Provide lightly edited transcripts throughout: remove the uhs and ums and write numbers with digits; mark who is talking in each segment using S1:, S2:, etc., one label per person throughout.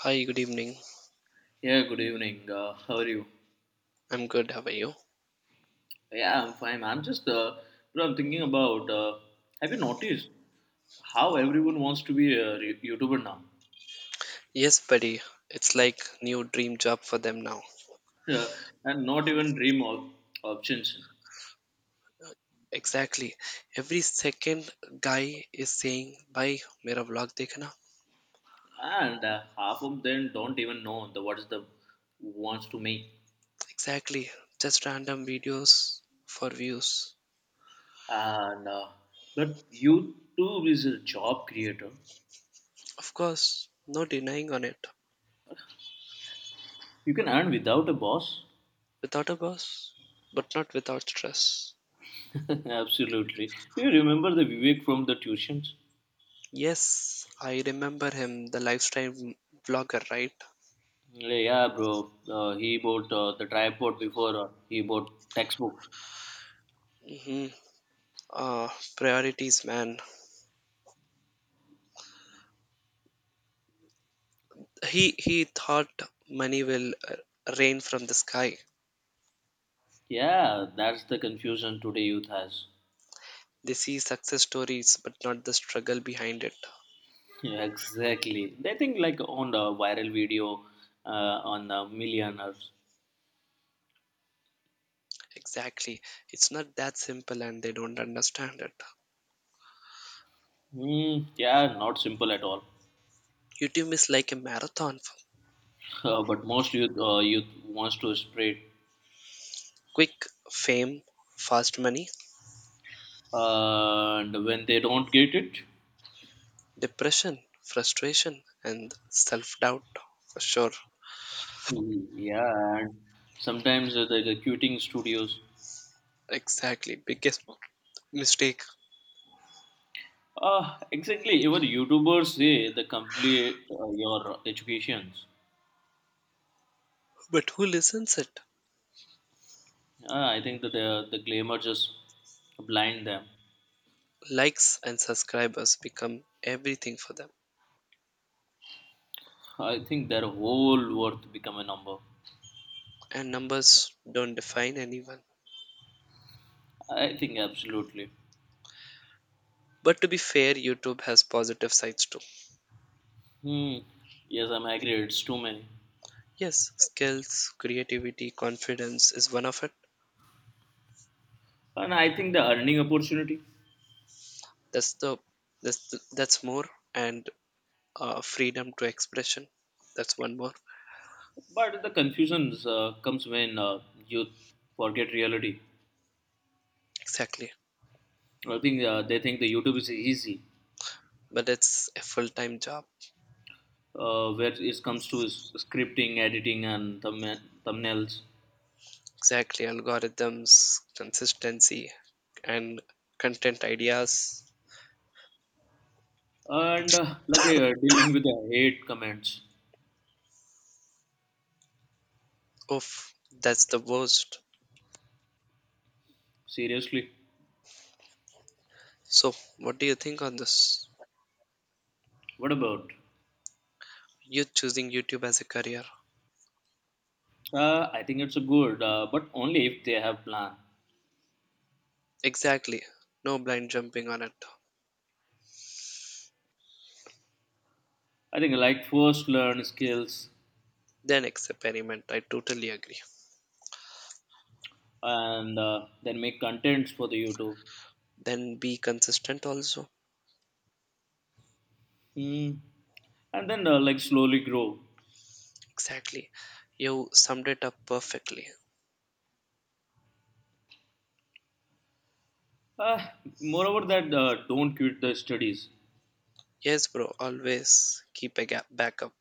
S1: Hi, good evening.
S2: Yeah, good evening. How are you?
S1: I'm good. How are you?
S2: Yeah, I'm fine. I'm just, bro, I'm thinking about, have you noticed how everyone wants to be a YouTuber now?
S1: Yes, buddy. It's like new dream job for them now.
S2: Yeah, and not even dream of options.
S1: Exactly. Every second guy is saying, "Bhai, mera vlog dekhna."
S2: And Half of them don't even know the what is the wants to make.
S1: Exactly. Just random videos for views.
S2: And But YouTube is a job creator.
S1: Of course, no denying on it.
S2: You can earn without a boss.
S1: Without a boss, but not without stress.
S2: Absolutely. Do you remember the Vivek from the tuitions?
S1: Yes, I remember him, the lifestyle vlogger, right?
S2: Like, yeah, bro. He bought the tripod before he bought textbooks.
S1: Mm-hmm. Uh, Priorities, man. He thought money will rain from the sky.
S2: Yeah, that's the confusion today youth has.
S1: They see success stories, but not the struggle behind it.
S2: Yeah, exactly. They think like on the viral video uh, on millionaires.
S1: Exactly. It's not that simple and they don't understand it.
S2: Mm, yeah, not simple at all.
S1: YouTube is like a marathon.
S2: But most youth wants to spread,
S1: Quick fame, fast money,
S2: and when they don't get it,
S1: depression, frustration, and self doubt for sure.
S2: yeah, and sometimes the recruiting studios.
S1: Exactly. Biggest mistake.
S2: Exactly. Even YouTubers say they complete your educations.
S1: But who listens it?
S2: I think that the glamour just blind them.
S1: Likes and subscribers become everything for them.
S2: I think their whole worth become a number.
S1: And numbers don't define anyone.
S2: I think absolutely.
S1: But to be fair, YouTube has positive sides too.
S2: Hmm. Yes, I'm agree. It's too many,
S1: Yes, skills, creativity, confidence is one of it.
S2: and I think the earning opportunity.
S1: That's the that's more and freedom to expression. That's one more.
S2: But the confusions comes when youth forget reality.
S1: Exactly.
S2: I think they think the YouTube is easy,
S1: But it's a full-time job.
S2: where it comes to scripting, editing, and thumbnails.
S1: Exactly. Algorithms, consistency, and content ideas.
S2: And Like dealing with the hate comments,
S1: Oof, that's the worst.
S2: seriously,
S1: So, what do you think on this?
S2: what about?
S1: You choosing YouTube as a career?
S2: I think it's a good, but only if they have plan.
S1: Exactly. No blind jumping on it.
S2: I think like first learn skills
S1: Then experiment. I totally agree.
S2: and then make contents for the YouTube,
S1: Then be consistent also.
S2: hmm, and then like slowly grow.
S1: Exactly. You summed it up perfectly.
S2: Uh, Moreover, that don't quit the studies.
S1: Yes, bro. Always keep a gap backup.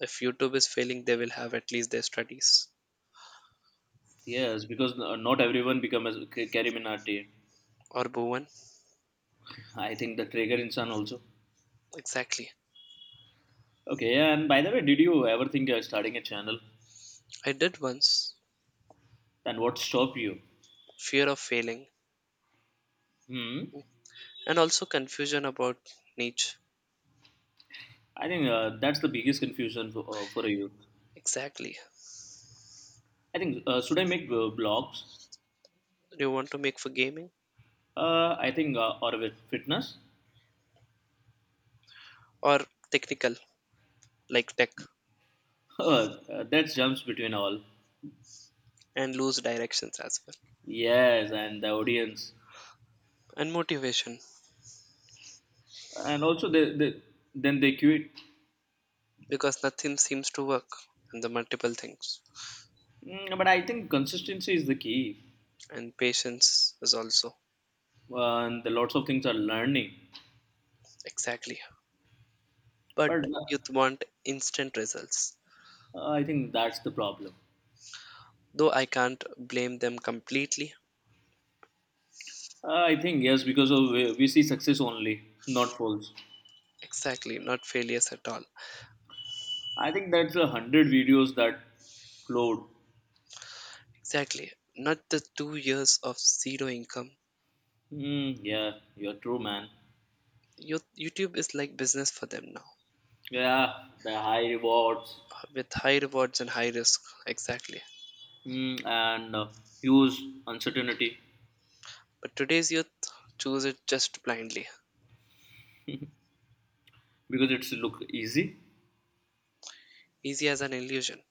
S1: If YouTube is failing, they will have at least their studies.
S2: Yes, because not everyone becomes a career Minati.
S1: Or Bhuvan.
S2: I think the trigger insan also.
S1: Exactly.
S2: Okay, and by the way, did you ever think of starting a channel?
S1: I did once.
S2: And what stopped you?
S1: Fear of failing.
S2: Hmm.
S1: And also confusion about niche.
S2: I think that's the biggest confusion for a youth.
S1: Exactly.
S2: I think should I make blogs?
S1: Do you want to make for gaming?
S2: I think or with fitness.
S1: Or technical, like tech?
S2: uh, that jumps between all.
S1: And lose directions as well.
S2: Yes, and the audience,
S1: And motivation,
S2: and also they then they quit.
S1: because nothing seems to work. And the multiple things.
S2: Mm, but I think consistency is the key,
S1: And patience is also
S2: and the lots of things are learning.
S1: exactly, but
S2: But
S1: youth want instant results,
S2: I think that's the problem.
S1: though I can't blame them completely.
S2: I think yes, because of we see success only, not false.
S1: Exactly, not failures at all.
S2: I think that's a hundred videos that upload.
S1: Exactly, not the 2 years of zero income.
S2: Mm, yeah, you're true, man.
S1: Youth- youtube is like business for them now
S2: Yeah, the high rewards.
S1: with high rewards and high risk. Exactly,
S2: Mm, and huge uncertainty
S1: but today's youth choose it just blindly.
S2: because it's look easy.
S1: Easy as an illusion,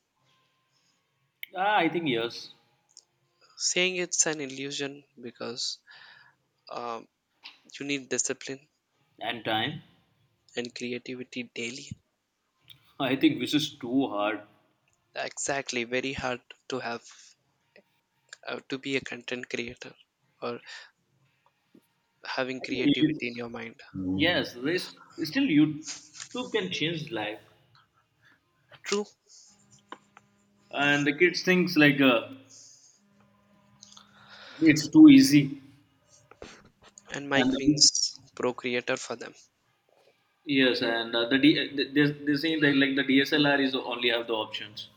S2: Ah, I think yes,
S1: saying it's an illusion because um, you need discipline
S2: and time.
S1: and creativity daily.
S2: I think this is too hard.
S1: Exactly, very hard to have, to be a content creator, or having
S2: I think
S1: creativity in
S2: it's,
S1: your mind.
S2: yes, this still you too can change life,
S1: True.
S2: and the kids thinks like it's too easy,
S1: And mike
S2: and the,
S1: means pro creator for them.
S2: yes, and they saying that like the DSLR is only have the options.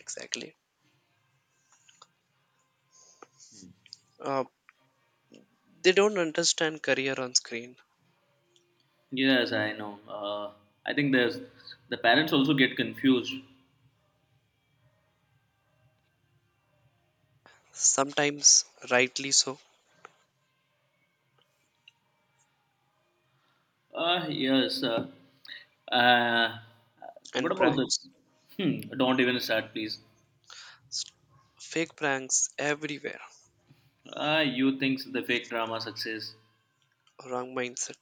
S1: Exactly. uh, they don't understand career on screen.
S2: Yes, I know. I think there's the parents also get confused.
S1: Sometimes rightly so.
S2: Yes. Uh, what
S1: And
S2: about the?
S1: pranks.
S2: Hmm, don't even start, please.
S1: S- fake pranks everywhere.
S2: You thinks the fake drama success.
S1: Wrong mindset.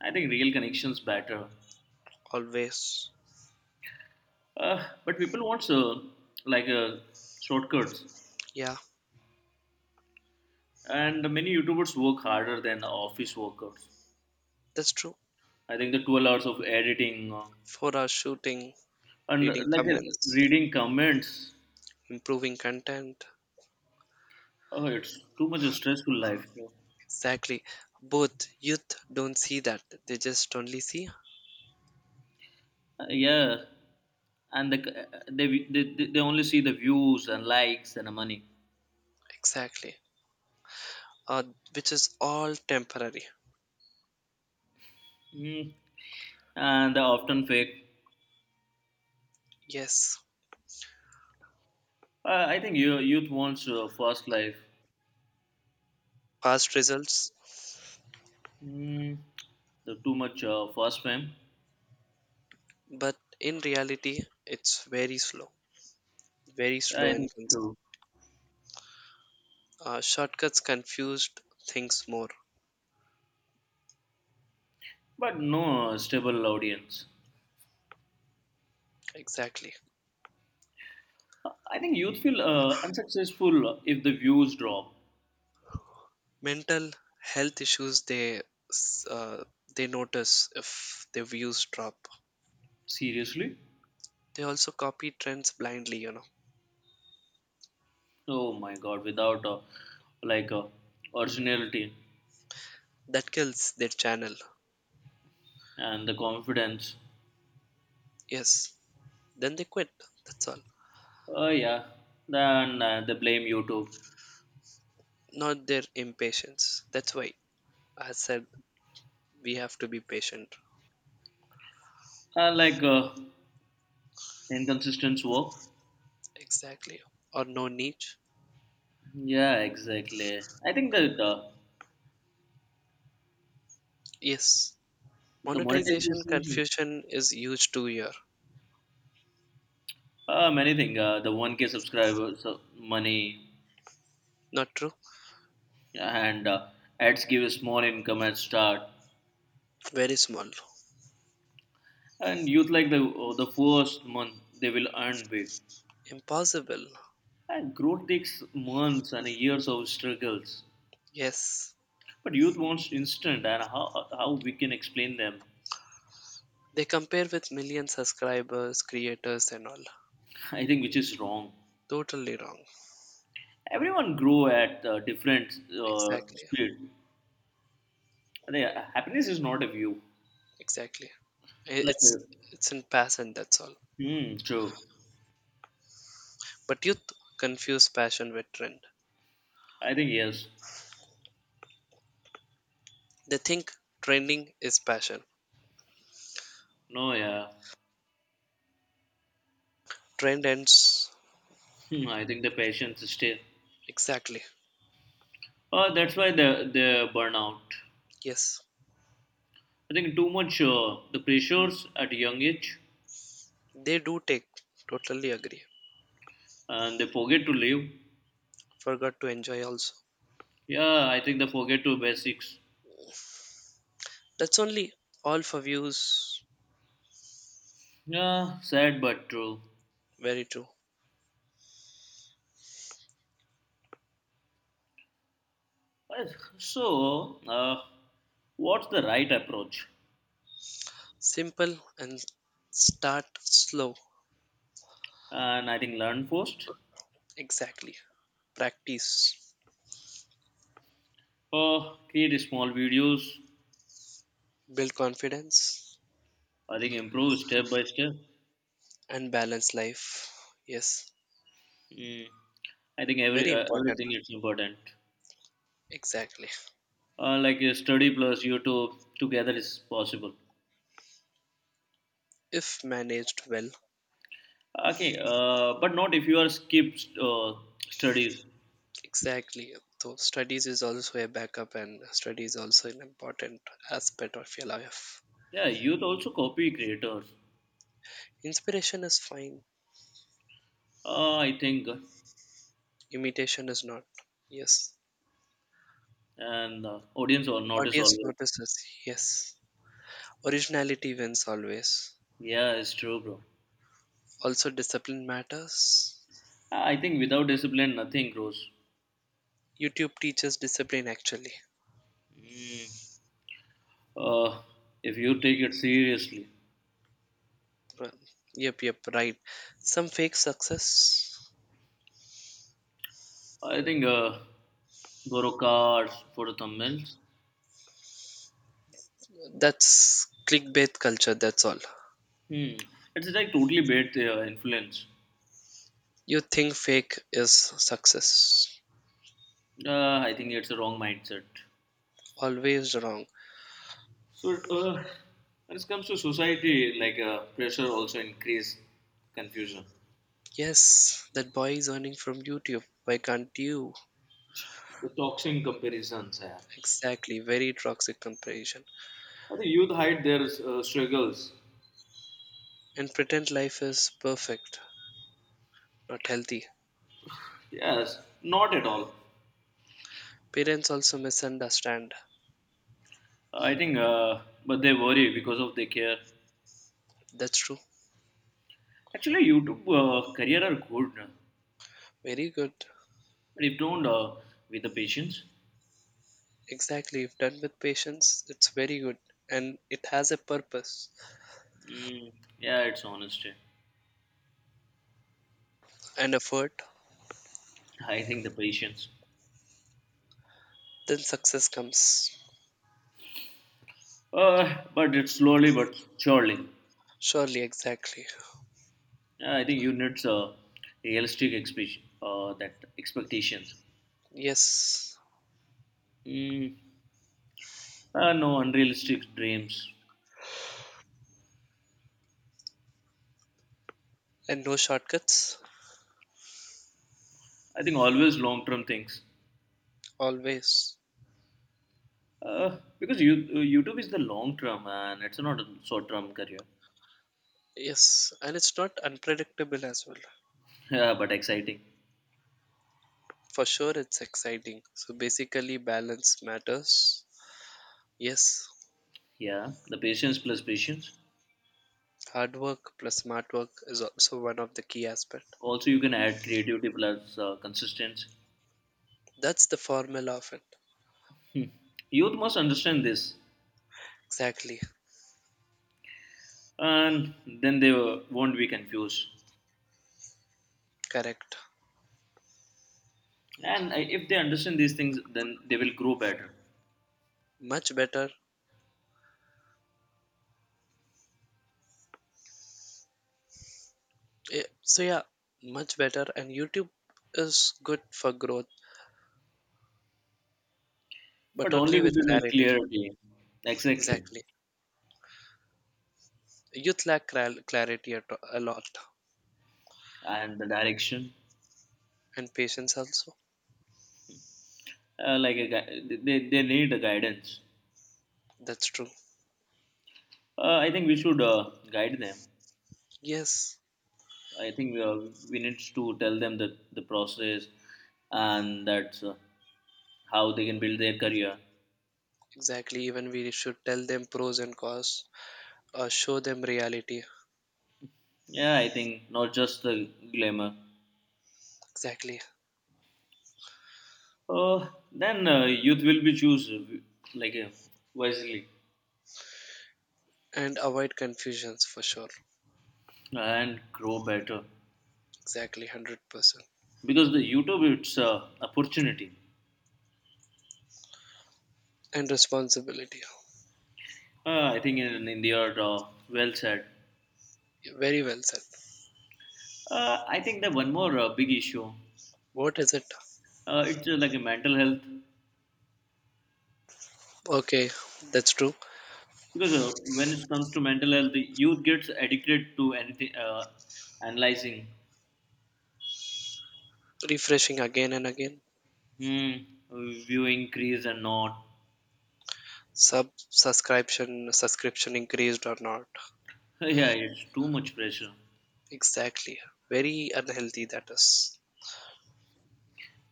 S2: I think real connections better.
S1: Always.
S2: But people wants like shortcuts,
S1: Yeah,
S2: and many YouTubers work harder than office workers.
S1: that's true.
S2: I think the 12 hours of editing
S1: For our shooting.
S2: and
S1: Reading
S2: like
S1: comments.
S2: reading comments.
S1: Improving content.
S2: Oh, it's too much a stressful life.
S1: Exactly. Both youth don't see that. They just only see
S2: Yeah, and the, they only see the views and likes and the money,
S1: exactly. Uh, which is all temporary.
S2: mm, and they're often fake.
S1: Yes,
S2: I think you, youth wants fast life,
S1: fast results,
S2: mm, the too much fast fame.
S1: but in reality, it's very slow. Very
S2: Yeah,
S1: slow
S2: I think
S1: and cons-
S2: so.
S1: shortcuts confused things more.
S2: But no stable audience.
S1: Exactly.
S2: I think youth feel unsuccessful if the views drop.
S1: Mental health issues they s- they notice if their views drop.
S2: Seriously,
S1: They also copy trends blindly, you know.
S2: oh my god, without like originality
S1: That kills their channel.
S2: and the confidence.
S1: Yes. Then they quit. That's all.
S2: Oh yeah, then they blame YouTube.
S1: Not their impatience. That's why I said we have to be patient.
S2: Like inconsistent work.
S1: Exactly. Or no niche.
S2: Yeah, exactly. I think that
S1: Yes.
S2: the
S1: Monetization
S2: monetization,
S1: confusion is huge too here.
S2: many things. The one K subscribers, money,
S1: Not true?
S2: and ads give a small income at start.
S1: Very small.
S2: And youth like the first month they will earn big.
S1: Impossible.
S2: And growth takes months and years of struggles.
S1: Yes.
S2: But youth wants instant, and how we can explain them?
S1: They compare with million subscribers, creators and all.
S2: I think which is wrong.
S1: Totally wrong.
S2: Everyone grow at different
S1: Exactly.
S2: speed. I happiness is not a view.
S1: Exactly. I-
S2: Like,
S1: It's it's in passion, that's all.
S2: hmm, true.
S1: But youth confuse passion with trend.
S2: I think yes.
S1: They think trending is passion.
S2: No, yeah.
S1: Trend ends
S2: Hmm, I think the patients stay.
S1: exactly.
S2: That's why the burnout.
S1: Yes,
S2: I think too much the pressures at young age,
S1: they do take. Totally agree.
S2: and they forget to live.
S1: Forgot to enjoy also.
S2: Yeah, I think they forget to basics.
S1: That's only all for views.
S2: Yeah, sad but true.
S1: Very true.
S2: Uh, So, what's the right approach?
S1: Simple and start slow.
S2: And I think learn first.
S1: Exactly. Practice.
S2: Create small videos.
S1: Build confidence
S2: I think improve step by step.
S1: and balance life. Yes,
S2: Mm. I think every
S1: very important.
S2: everything is important.
S1: Exactly.
S2: Like study plus YouTube together is possible.
S1: If managed well.
S2: Okay, but not if you are skip uh, studies.
S1: Exactly. So studies is also a backup and studies also an important aspect of your life.
S2: Yeah, youth also copy creators.
S1: Inspiration is fine.
S2: I think,
S1: Imitation is not. Yes.
S2: and audience or notice
S1: Audience
S2: always.
S1: notices, yes. Originality wins always.
S2: Yeah, it's true, bro.
S1: Also, discipline matters.
S2: I think without discipline, nothing grows.
S1: YouTube teaches discipline actually.
S2: Mm. Uh, if you take it seriously.
S1: Well, yep, yep, right. Some fake success.
S2: I think Gorokars, for the thumbnails.
S1: That's clickbait culture, that's all.
S2: Hmm. It's like totally bad influence.
S1: You think fake is success.
S2: I think it's a wrong mindset.
S1: Always wrong.
S2: So when it comes to society, like pressure also increase confusion.
S1: Yes, that boy is earning from YouTube. Why can't you?
S2: The toxic comparisons. Yeah.
S1: Exactly, very toxic comparison.
S2: I think youth hide their struggles.
S1: And pretend life is perfect, not healthy.
S2: Yes, not at all.
S1: Parents also misunderstand.
S2: I think, but they worry because of they care.
S1: That's true.
S2: Actually, YouTube career are good, but
S1: Very good.
S2: if don't with the patience.
S1: Exactly. If done with patience, it's very good. And it has a purpose
S2: Mm, yeah, it's honesty.
S1: and effort,
S2: I think the patience.
S1: then success comes.
S2: But it's slowly but surely.
S1: Surely, exactly.
S2: Yeah, I think you need that expectations.
S1: Yes.
S2: Mm, no unrealistic dreams.
S1: And no shortcuts.
S2: I think always long term things.
S1: Always.
S2: Because YouTube is the long term and it's not a short term career.
S1: Yes. And it's not unpredictable as well.
S2: Yeah, but exciting.
S1: For sure, it's exciting. So basically, balance matters. Yes.
S2: Yeah, the patience plus patience.
S1: Hard work plus smart work is also one of the key aspect.
S2: Also, you can add creativity plus consistency.
S1: That's the formula of it.
S2: Youth must understand this,
S1: Exactly.
S2: and then they won't be confused.
S1: Correct.
S2: And if they understand these things, then they will grow better,
S1: Much better. Yeah, so yeah, much better. And YouTube is good for growth,
S2: but
S1: but
S2: only
S1: only
S2: with
S1: with
S2: the like,
S1: clarity.
S2: clarity, exactly,
S1: Exactly. Youth lack clar- clarity at, a lot,
S2: and the direction.
S1: and patience also.
S2: Like a they need a guidance.
S1: That's true.
S2: I think we should guide them.
S1: Yes,
S2: I think we need to tell them that the process and that's how they can build their career.
S1: exactly. Even we should tell them pros and cons, or show them reality.
S2: Yeah, I think not just the glamour.
S1: Exactly.
S2: Then youth will be choose like wisely,
S1: And avoid confusions for sure.
S2: and grow better
S1: Exactly, 100%.
S2: because the youtube it's a opportunity
S1: And responsibility.
S2: I think in india well said.
S1: Very well said.
S2: Uh, I think that one more big issue
S1: What is it?
S2: it's like a mental health
S1: Okay, that's true.
S2: because when it comes to mental health the youth gets addicted to anything analyzing
S1: Refreshing again and again.
S2: hmm, viewing crease and not
S1: Subscription increased or not.
S2: yeah it's too much pressure.
S1: Exactly, very unhealthy that is.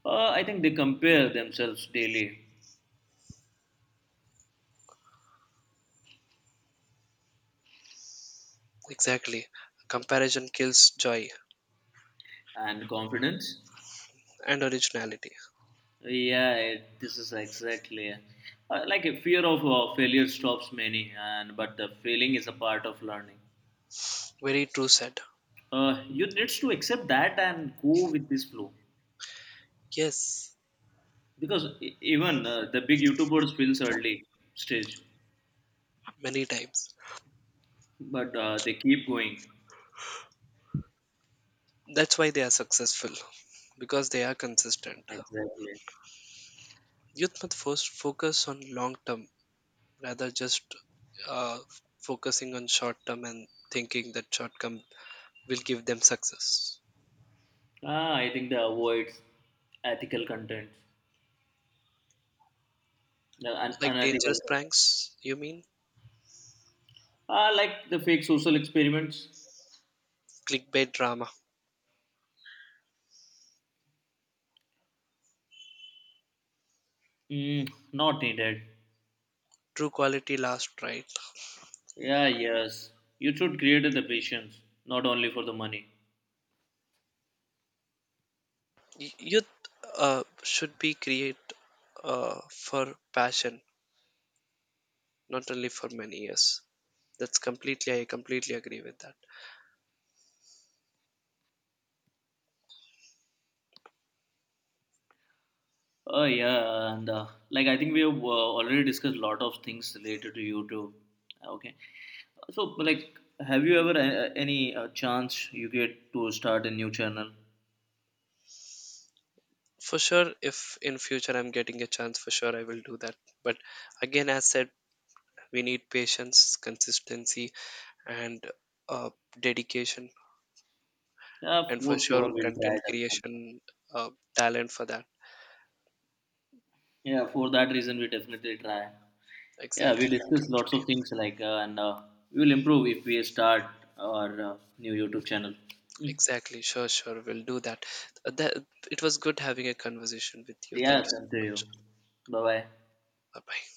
S2: Uh, I think they compare themselves daily
S1: Exactly, comparison kills joy
S2: and confidence.
S1: and originality.
S2: Yeah, it, this is exactly like a fear of failure stops many, and but the failing is a part of learning.
S1: Very true said.
S2: You needs to accept that and go with this flow
S1: Yes,
S2: because even the big YouTubers feels early stage,
S1: many times.
S2: but they keep going.
S1: That's why they are successful because they are consistent.
S2: Exactly.
S1: Youth must first focus on long term rather just uh, focusing on short term and thinking that short term will give them success.
S2: Ah, I think they avoid ethical content, the
S1: Like
S2: unethical
S1: dangerous
S2: content.
S1: pranks you mean.
S2: Ah, like the fake social experiments.
S1: Clickbait drama.
S2: Mm, not needed.
S1: True, quality last right.
S2: Yeah, yes. You should create the patience, not only for the money.
S1: Y- youth uh, should be create for passion, not only for many years. That's completely, I completely agree with that.
S2: Oh yeah, and like I think we have already discussed a lot of things related to YouTube. Okay, so like, have you ever any chance you get to start a new channel?
S1: For sure, if in future I'm getting a chance, for sure I will do that. But again, as said, we need patience, consistency, and uh, dedication.
S2: Yeah,
S1: And for
S2: for
S1: sure
S2: sure we'll
S1: content
S2: try definitely.
S1: creation, uh, talent for that.
S2: Yeah, for that reason we definitely try. Yeah, we
S1: Exactly.
S2: discuss lots of things like and we will improve if we start our new YouTube channel. Mm.
S1: Exactly. Sure, sure. We'll do that. That. It was good having a conversation with you.
S2: Yeah,
S1: Thank you so
S2: same to you.
S1: much.
S2: Bye bye.
S1: Bye bye.